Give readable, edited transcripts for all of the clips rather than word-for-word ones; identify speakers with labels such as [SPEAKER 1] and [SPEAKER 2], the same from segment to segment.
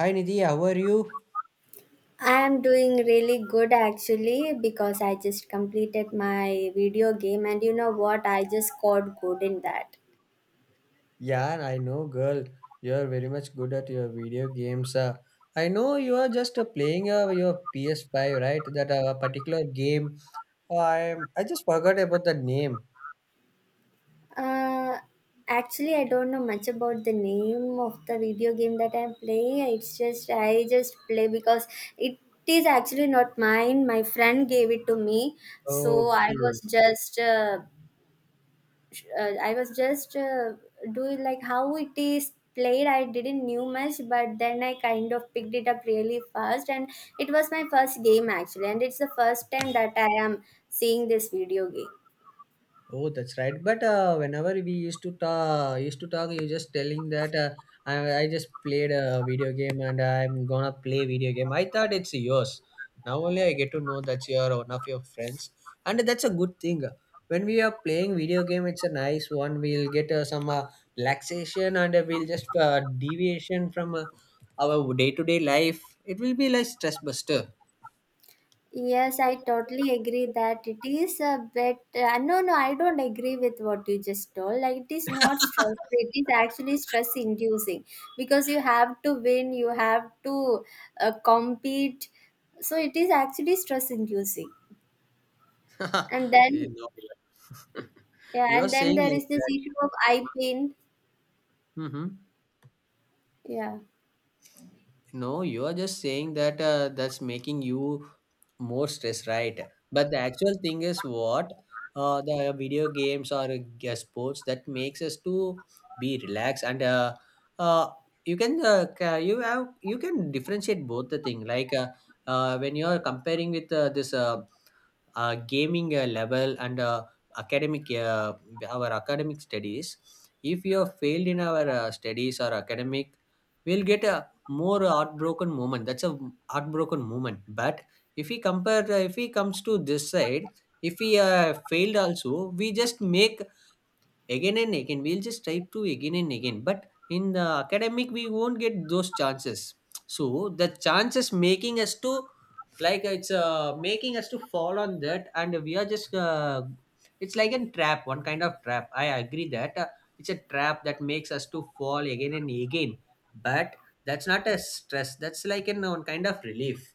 [SPEAKER 1] Hi Nidhi, how are you?
[SPEAKER 2] I am doing really good actually because I just completed my video game and you know what I just scored good in that.
[SPEAKER 1] Yeah, I know, girl. You're very much good at your video games. I know you are just playing your PS5, right? That particular game. I just forgot about the name.
[SPEAKER 2] Uh actually I don't know much about the name of the video game that I'm playing. It's just I just play because it is actually not mine. My friend gave it to me. So I
[SPEAKER 1] Okay.
[SPEAKER 2] was just uh, I was just uh, doing like how it is played. I didn't knew much, but then I kind of picked it up really fast, and it was my first game actually, and it's the first time that I am seeing this video game.
[SPEAKER 1] Oh, that's right. But whenever we used to talk, you just telling that I just played a video game and I'm gonna play video game. I thought it's yours. Now only I get to know that you're one of your friends, and that's a good thing. When we are playing video game, it's a nice one. We'll get some relaxation and we'll just deviation from our day to day life. It will be like stress buster.
[SPEAKER 2] Yes, I totally agree that it is a bit. No, no, I don't agree with what you just told. Like, it is not stress. It is actually stress inducing because you have to win, you have to compete. So, it is actually stress inducing. And
[SPEAKER 1] you
[SPEAKER 2] then,
[SPEAKER 1] know,
[SPEAKER 2] yeah,
[SPEAKER 1] you're
[SPEAKER 2] and then
[SPEAKER 1] saying
[SPEAKER 2] there
[SPEAKER 1] like
[SPEAKER 2] is this
[SPEAKER 1] that.
[SPEAKER 2] issue of eye pain.
[SPEAKER 1] Hmm.
[SPEAKER 2] Yeah.
[SPEAKER 1] No, you are just saying that that's making you. More stress, right? But the actual thing is what, the video games or sports that makes us to be relaxed and uh, you can you have you can differentiate both the thing like when you are comparing with this gaming level and academic our academic studies. If you have failed in our studies or academic, we'll get a more heartbroken moment. That's a heartbroken moment. But if we compare, if we comes to this side, if we failed also, we just make again and again, we'll just try to again and again. But in the academic, we won't get those chances. So the chances making us to, like, it's making us to fall on that, and we are just it's like a trap, one kind of trap. I agree that it's a trap that makes us to fall again and again. But that's not a stress, that's like an one kind of relief.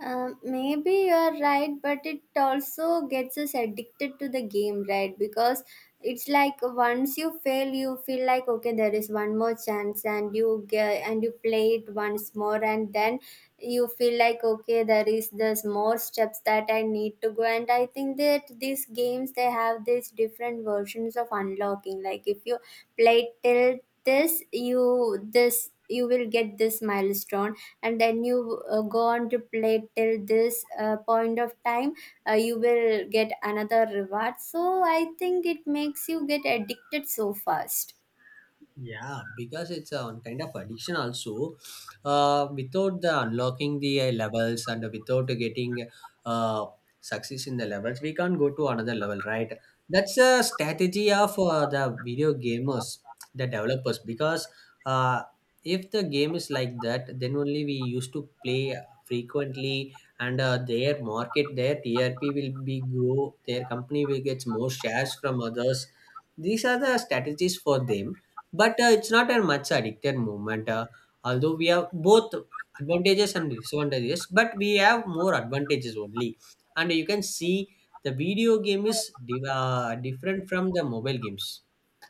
[SPEAKER 2] Maybe you're right, but it also gets us addicted to the game, right? Because it's like once you fail, you feel like okay, there is one more chance, and you get and you play it once more, and then you feel like okay, there is this more steps that I need to go. And I think that these games they have these different versions of unlocking. Like if you play till this, you will get this milestone, and then you go on to play till this point of time, you will get another reward. So I think it makes you get addicted so fast.
[SPEAKER 1] Yeah, because it's a one kind of addiction also. Without the unlocking the levels and without getting uh, success in the levels, we can't go to another level, right? That's a strategy of the video gamers, the developers, because uh, if the game is like that, then only we used to play frequently, and their market, their TRP will be grow, their company will get more shares from others. These are the strategies for them. But it's not a much addicted movement. Although we have both advantages and disadvantages, but we have more advantages only. And you can see the video game is different from the mobile games.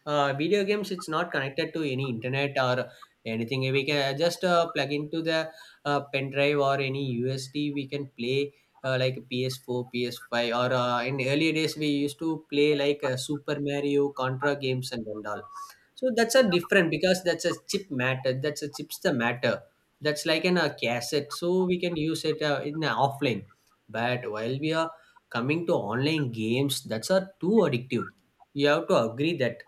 [SPEAKER 1] Video games, it's not connected to any internet or anything. We can just plug into the pen drive or any USD. We can play like PS4, PS5, or in earlier days we used to play like Super Mario, Contra games, and all. So that's a different, because that's a chip matter. That's a chips the matter. That's like an a cassette. So we can use it in a offline. But while we are coming to online games, that's are too addictive. You have to agree that.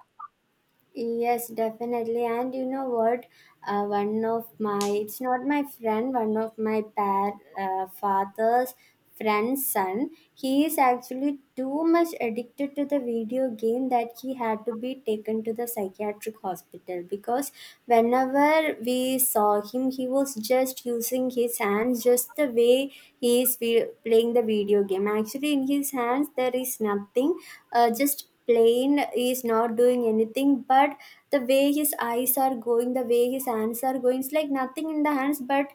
[SPEAKER 2] Yes, definitely. And you know what? One of my, it's not my friend, one of my father's friend's son, he is actually too much addicted to the video game that he had to be taken to the psychiatric hospital because whenever we saw him, he was just using his hands just the way he is playing the video game. Actually, in his hands, there is nothing, just plane is not doing anything, but the way his eyes are going, the way his hands are going, it's like nothing in the hands, but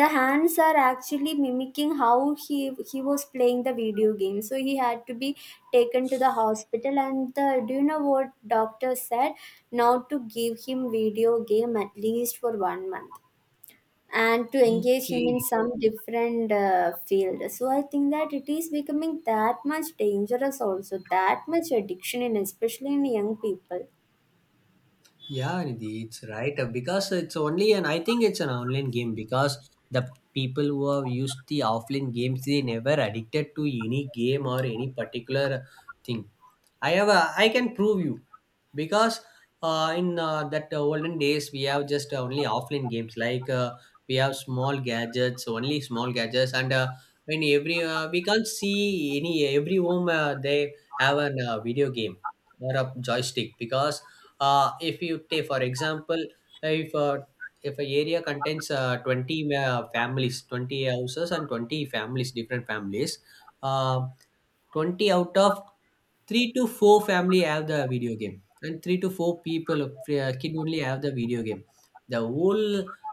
[SPEAKER 2] the hands are actually mimicking how he was playing the video game. So he had to be taken to the hospital, and the, do you know what, doctor said not to give him video game at least for 1 month and to engage him in
[SPEAKER 1] Okay.
[SPEAKER 2] some different field. So I think that it is becoming that much dangerous also, that much addiction, in especially in young people.
[SPEAKER 1] Yeah, Nidhi, it's right because it's only, and I think it's an online game, because the people who have used the offline games they never addicted to any game or any particular thing. I can prove you, because in that olden days we have just only offline games, like we have small gadgets only, small gadgets, and when every we can't see any every home they have a video game or a joystick, because if you take for example, if uh, if a area contains 20 families, 20 houses and 20 families, different families, uh, 20 out of 3 to 4 family have the video game, and 3 to 4 people kid only have the video game. The whole,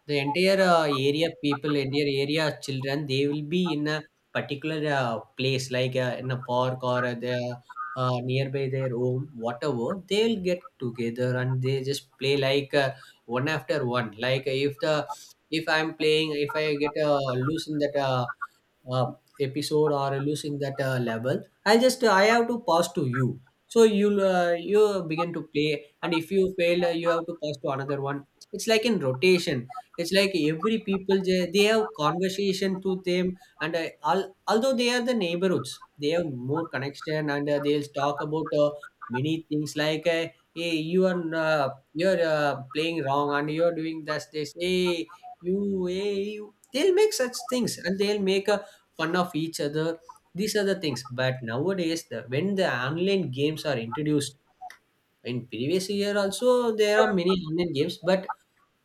[SPEAKER 1] the entire area people, entire area children, they will be in a particular place, like in a park, or the nearby their home, whatever, they'll get together and they just play like one after one. Like if the, if I'm playing, if I get a lose in that uh, episode, or losing that level, I'll just I have to pass to you, so you begin to play, and if you fail, you have to pass to another one. It's like in rotation. It's like every people, they have conversation to them, and although they are the neighborhoods, they have more connection, and they'll talk about many things, like hey you are uh, you're playing wrong and you're doing this this, hey you, hey you, they'll make such things, and they'll make a fun of each other. These are the things. But nowadays, the, when the online games are introduced, in previous year also there are many online games, but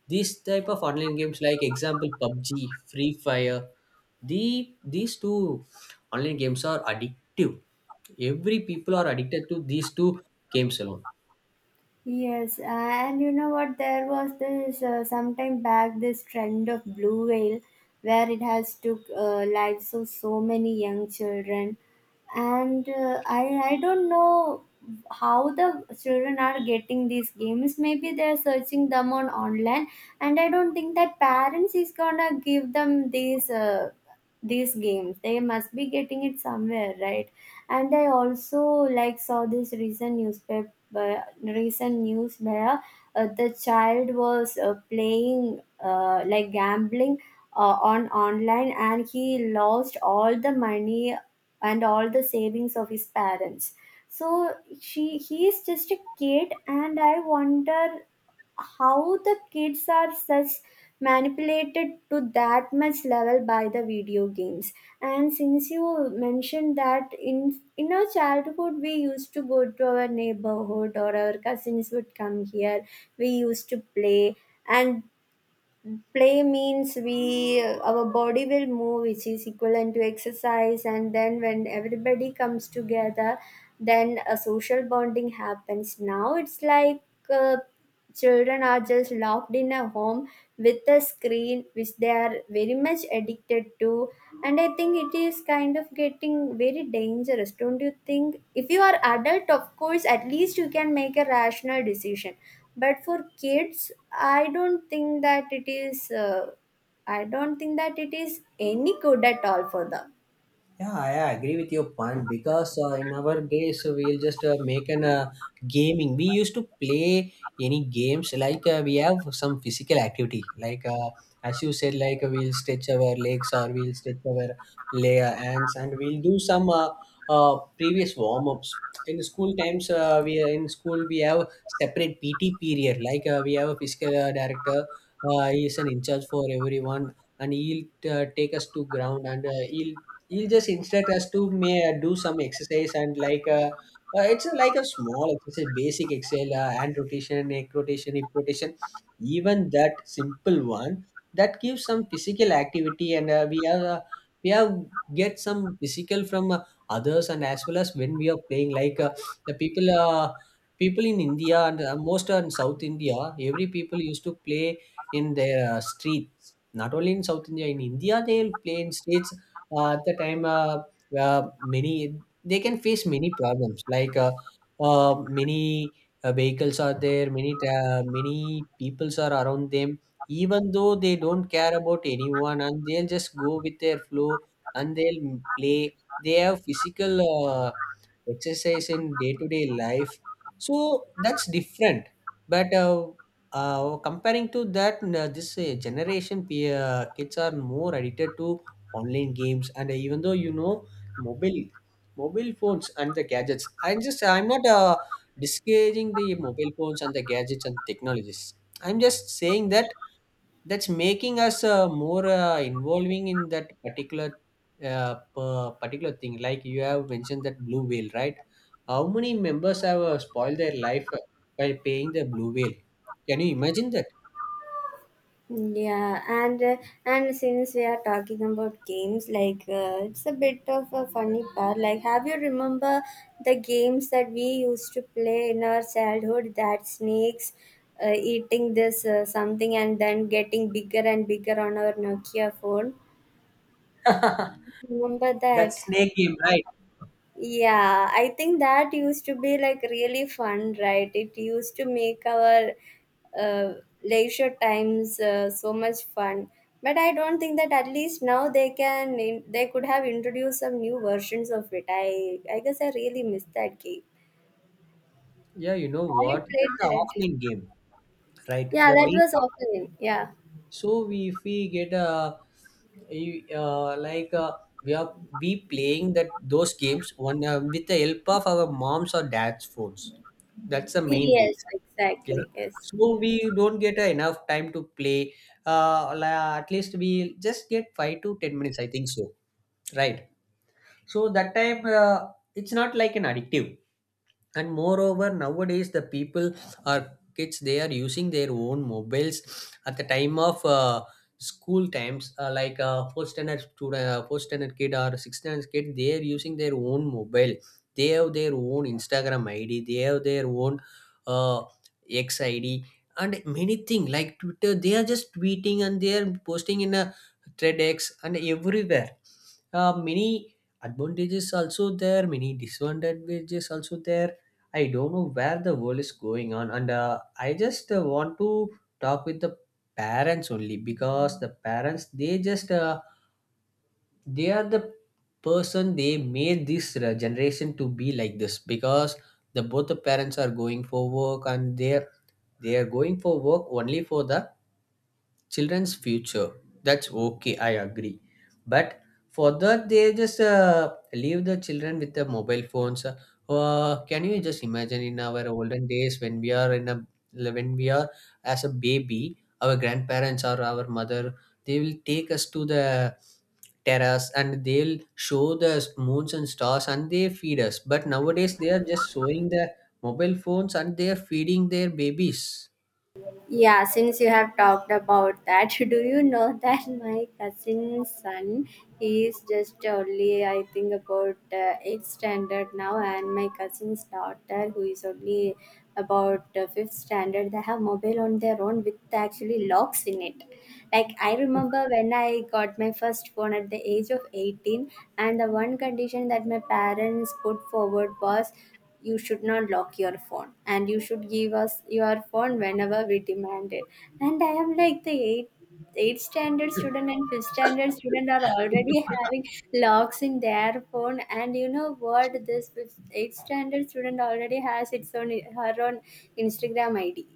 [SPEAKER 1] these type of online games like example PUBG, Free Fire, the these two online games are addictive. Every people are addicted to these two games alone.
[SPEAKER 2] Yes, and you know what? There was this sometime back, this trend of Blue Whale, where it has took lives of so many young children, and I don't know how the children are getting these games. Maybe they're searching them on online, and I don't think that parents is gonna give them these. These games they must be getting it somewhere, right? And I also, like, saw this recent newspaper, recent news, where the child was playing, like gambling, on online, and he lost all the money and all the savings of his parents. So she he is just a kid, and I wonder how the kids are such manipulated to that much level by the video games. And since you mentioned that in our childhood we used to go to our neighborhood or our cousins would come here, we used to play. And play means we, our body will move, which is equivalent to exercise, and then when everybody comes together, then a social bonding happens. Now it's like uh, children are just locked in a home with a screen, which they are very much addicted to, and I think it is kind of getting very dangerous, don't you think? If you are adult, of course, at least you can make a rational decision, but for kids, I don't think that it is any good at all for them.
[SPEAKER 1] Yeah, I agree with your point, because in our days we'll just make an gaming. We used to play any games, like we have some physical activity. Like as you said, like we'll stretch our legs or we'll stretch our layer hands, and we'll do some previous warm ups. In school times, we in school we have separate PT period. Like we have a physical director. He is an in charge for everyone, and he'll take us to ground, and he'll just instruct us to may do some exercise, and like it's a, like a small exercise, basic exhale, hand rotation, neck rotation, hip rotation, even that simple one. That gives some physical activity, and we are we have get some physical from others. And as well as when we are playing, like the people people in India and most are in South India, every people used to play in their streets, not only in South India, in India they will play in streets. At the time Many, they can face many problems, like uh, many vehicles are there, many many peoples are around them, even though they don't care about anyone, and they'll just go with their flow, and they'll play. They have physical exercise in day-to-day life. So that's different. But comparing to that, this generation, kids are more addicted to online games. And even though you know, mobile mobile phones and the gadgets, I'm not discouraging the mobile phones and the gadgets and technologies. I'm just saying that that's making us more involving in that particular particular thing. Like you have mentioned that blue whale, right? How many members have spoiled their life by paying the blue whale? Can you imagine that?
[SPEAKER 2] Yeah, and since we are talking about games, like, it's a bit of a funny part. Like, have you remember the games that we used to play in our childhood? That snakes eating this something and then getting bigger and bigger on our Nokia phone. Remember
[SPEAKER 1] That
[SPEAKER 2] that?
[SPEAKER 1] snake game, right?
[SPEAKER 2] Yeah, I think that used to be like really fun, right? It used to make our uh, leisure times so much fun. But I don't think that at least now they could have introduced some new versions of it. I guess I really miss that game.
[SPEAKER 1] Yeah, you know
[SPEAKER 2] Have you
[SPEAKER 1] what,
[SPEAKER 2] played
[SPEAKER 1] that's an
[SPEAKER 2] that?
[SPEAKER 1] offline game, right?
[SPEAKER 2] Yeah,
[SPEAKER 1] The
[SPEAKER 2] that
[SPEAKER 1] main,
[SPEAKER 2] was often. Yeah.
[SPEAKER 1] so we, if we get a you- uh, like uh, we are, we playing that those games one with the help of our moms or dad's phones. That's the main
[SPEAKER 2] Yes,
[SPEAKER 1] reason. Yeah,
[SPEAKER 2] exactly. Yes.
[SPEAKER 1] so we don't get enough time to play, at least we just get 5 to 10 minutes, I think so, right? So that time it's not like an addictive. And moreover, nowadays the people, or kids, they are using their own mobiles at the time of school times, like a first standard student, first standard kid or sixth standard kid, they are using their own mobile. They have their own Instagram id, they have their own uh, X id, and many thing like Twitter. They are just tweeting and they are posting in a thread and everywhere. Many advantages also there, many disadvantages also there. I don't know where the world is going on, and I just want to talk with the parents only, because the parents they just they are the person, they made this generation to be like this, because the both the parents are going for work, and they are going for work only for the children's future. That's okay, I agree. But for that they just leave the children with the mobile phones. Can you just imagine, in our olden days, when we are in a, when we are as a baby, our grandparents or our mother, they will take us to the terrace, and they'll show the moons and stars, and they feed us. But nowadays they are just showing the mobile phones and they are feeding their babies.
[SPEAKER 2] Yeah, since you have talked about that, do you know that my cousin's son, he is just only, I think, about 8th standard now, and my cousin's daughter, who is only about 5th standard, they have mobile on their own with actually locks in it. Like, I remember when I got my first phone at the age of 18, and the one condition that my parents put forward was you should not lock your phone and you should give us your phone whenever we demand it. And I am like, the eighth standard student and fifth standard student are already having locks in their phone. And you know what, this fifth, eighth standard student already has its own her own Instagram ID.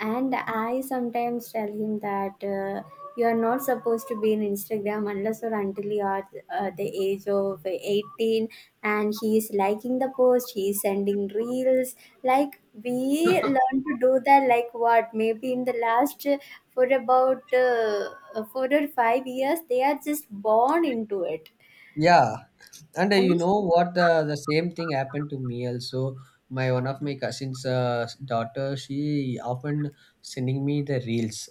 [SPEAKER 2] And I sometimes tell him that you are not supposed to be in Instagram unless or until you are the age of 18. And he is liking the post, he is sending reels. Like we learn to do that, like what? Maybe in the last, for about 4 or 5 years, they are just born into it.
[SPEAKER 1] Yeah, and
[SPEAKER 2] And
[SPEAKER 1] you know what? The same thing happened to me also. My one of my cousin's daughter, she often sending me the reels.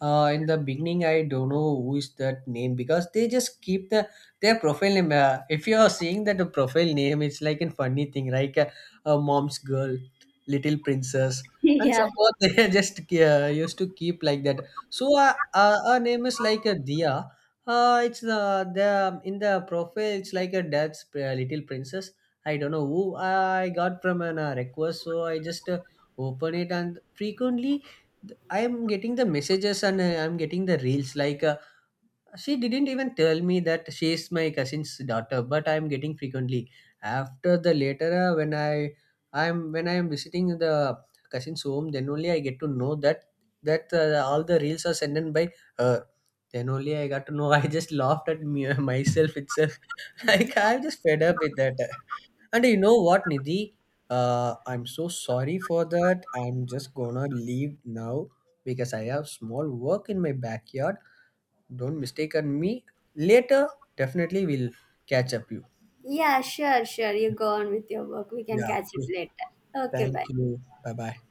[SPEAKER 1] In the beginning, I don't know who is that name, because they just keep the their profile name. If you are seeing that the profile name, it's like a funny thing, like a mom's girl, little princess, and
[SPEAKER 2] yeah,
[SPEAKER 1] suppose they just used to keep like that. So her name is like a Dia, it's the in the profile. It's like a dad's little princess. I don't know who, I got from an request, so I just open it, and frequently I'm getting the messages, and I'm getting the reels, like she didn't even tell me that she is my cousin's daughter, but I am getting frequently. After the later, when I I'm when I am visiting the cousin's home, then only I get to know that that all the reels are sent in by her. Then only I got to know. I just laughed at me, myself itself. Like I'm just fed up with that. And you know what, Nidhi? I'm so sorry for that. I'm just gonna leave now, because I have small work in my backyard. Don't mistaken me. Later, definitely we'll catch up you.
[SPEAKER 2] yeah, sure, sure. You go on with your work. We can
[SPEAKER 1] Yeah.
[SPEAKER 2] catch up
[SPEAKER 1] Okay.
[SPEAKER 2] later. Okay, bye.
[SPEAKER 1] Thank you. Bye bye.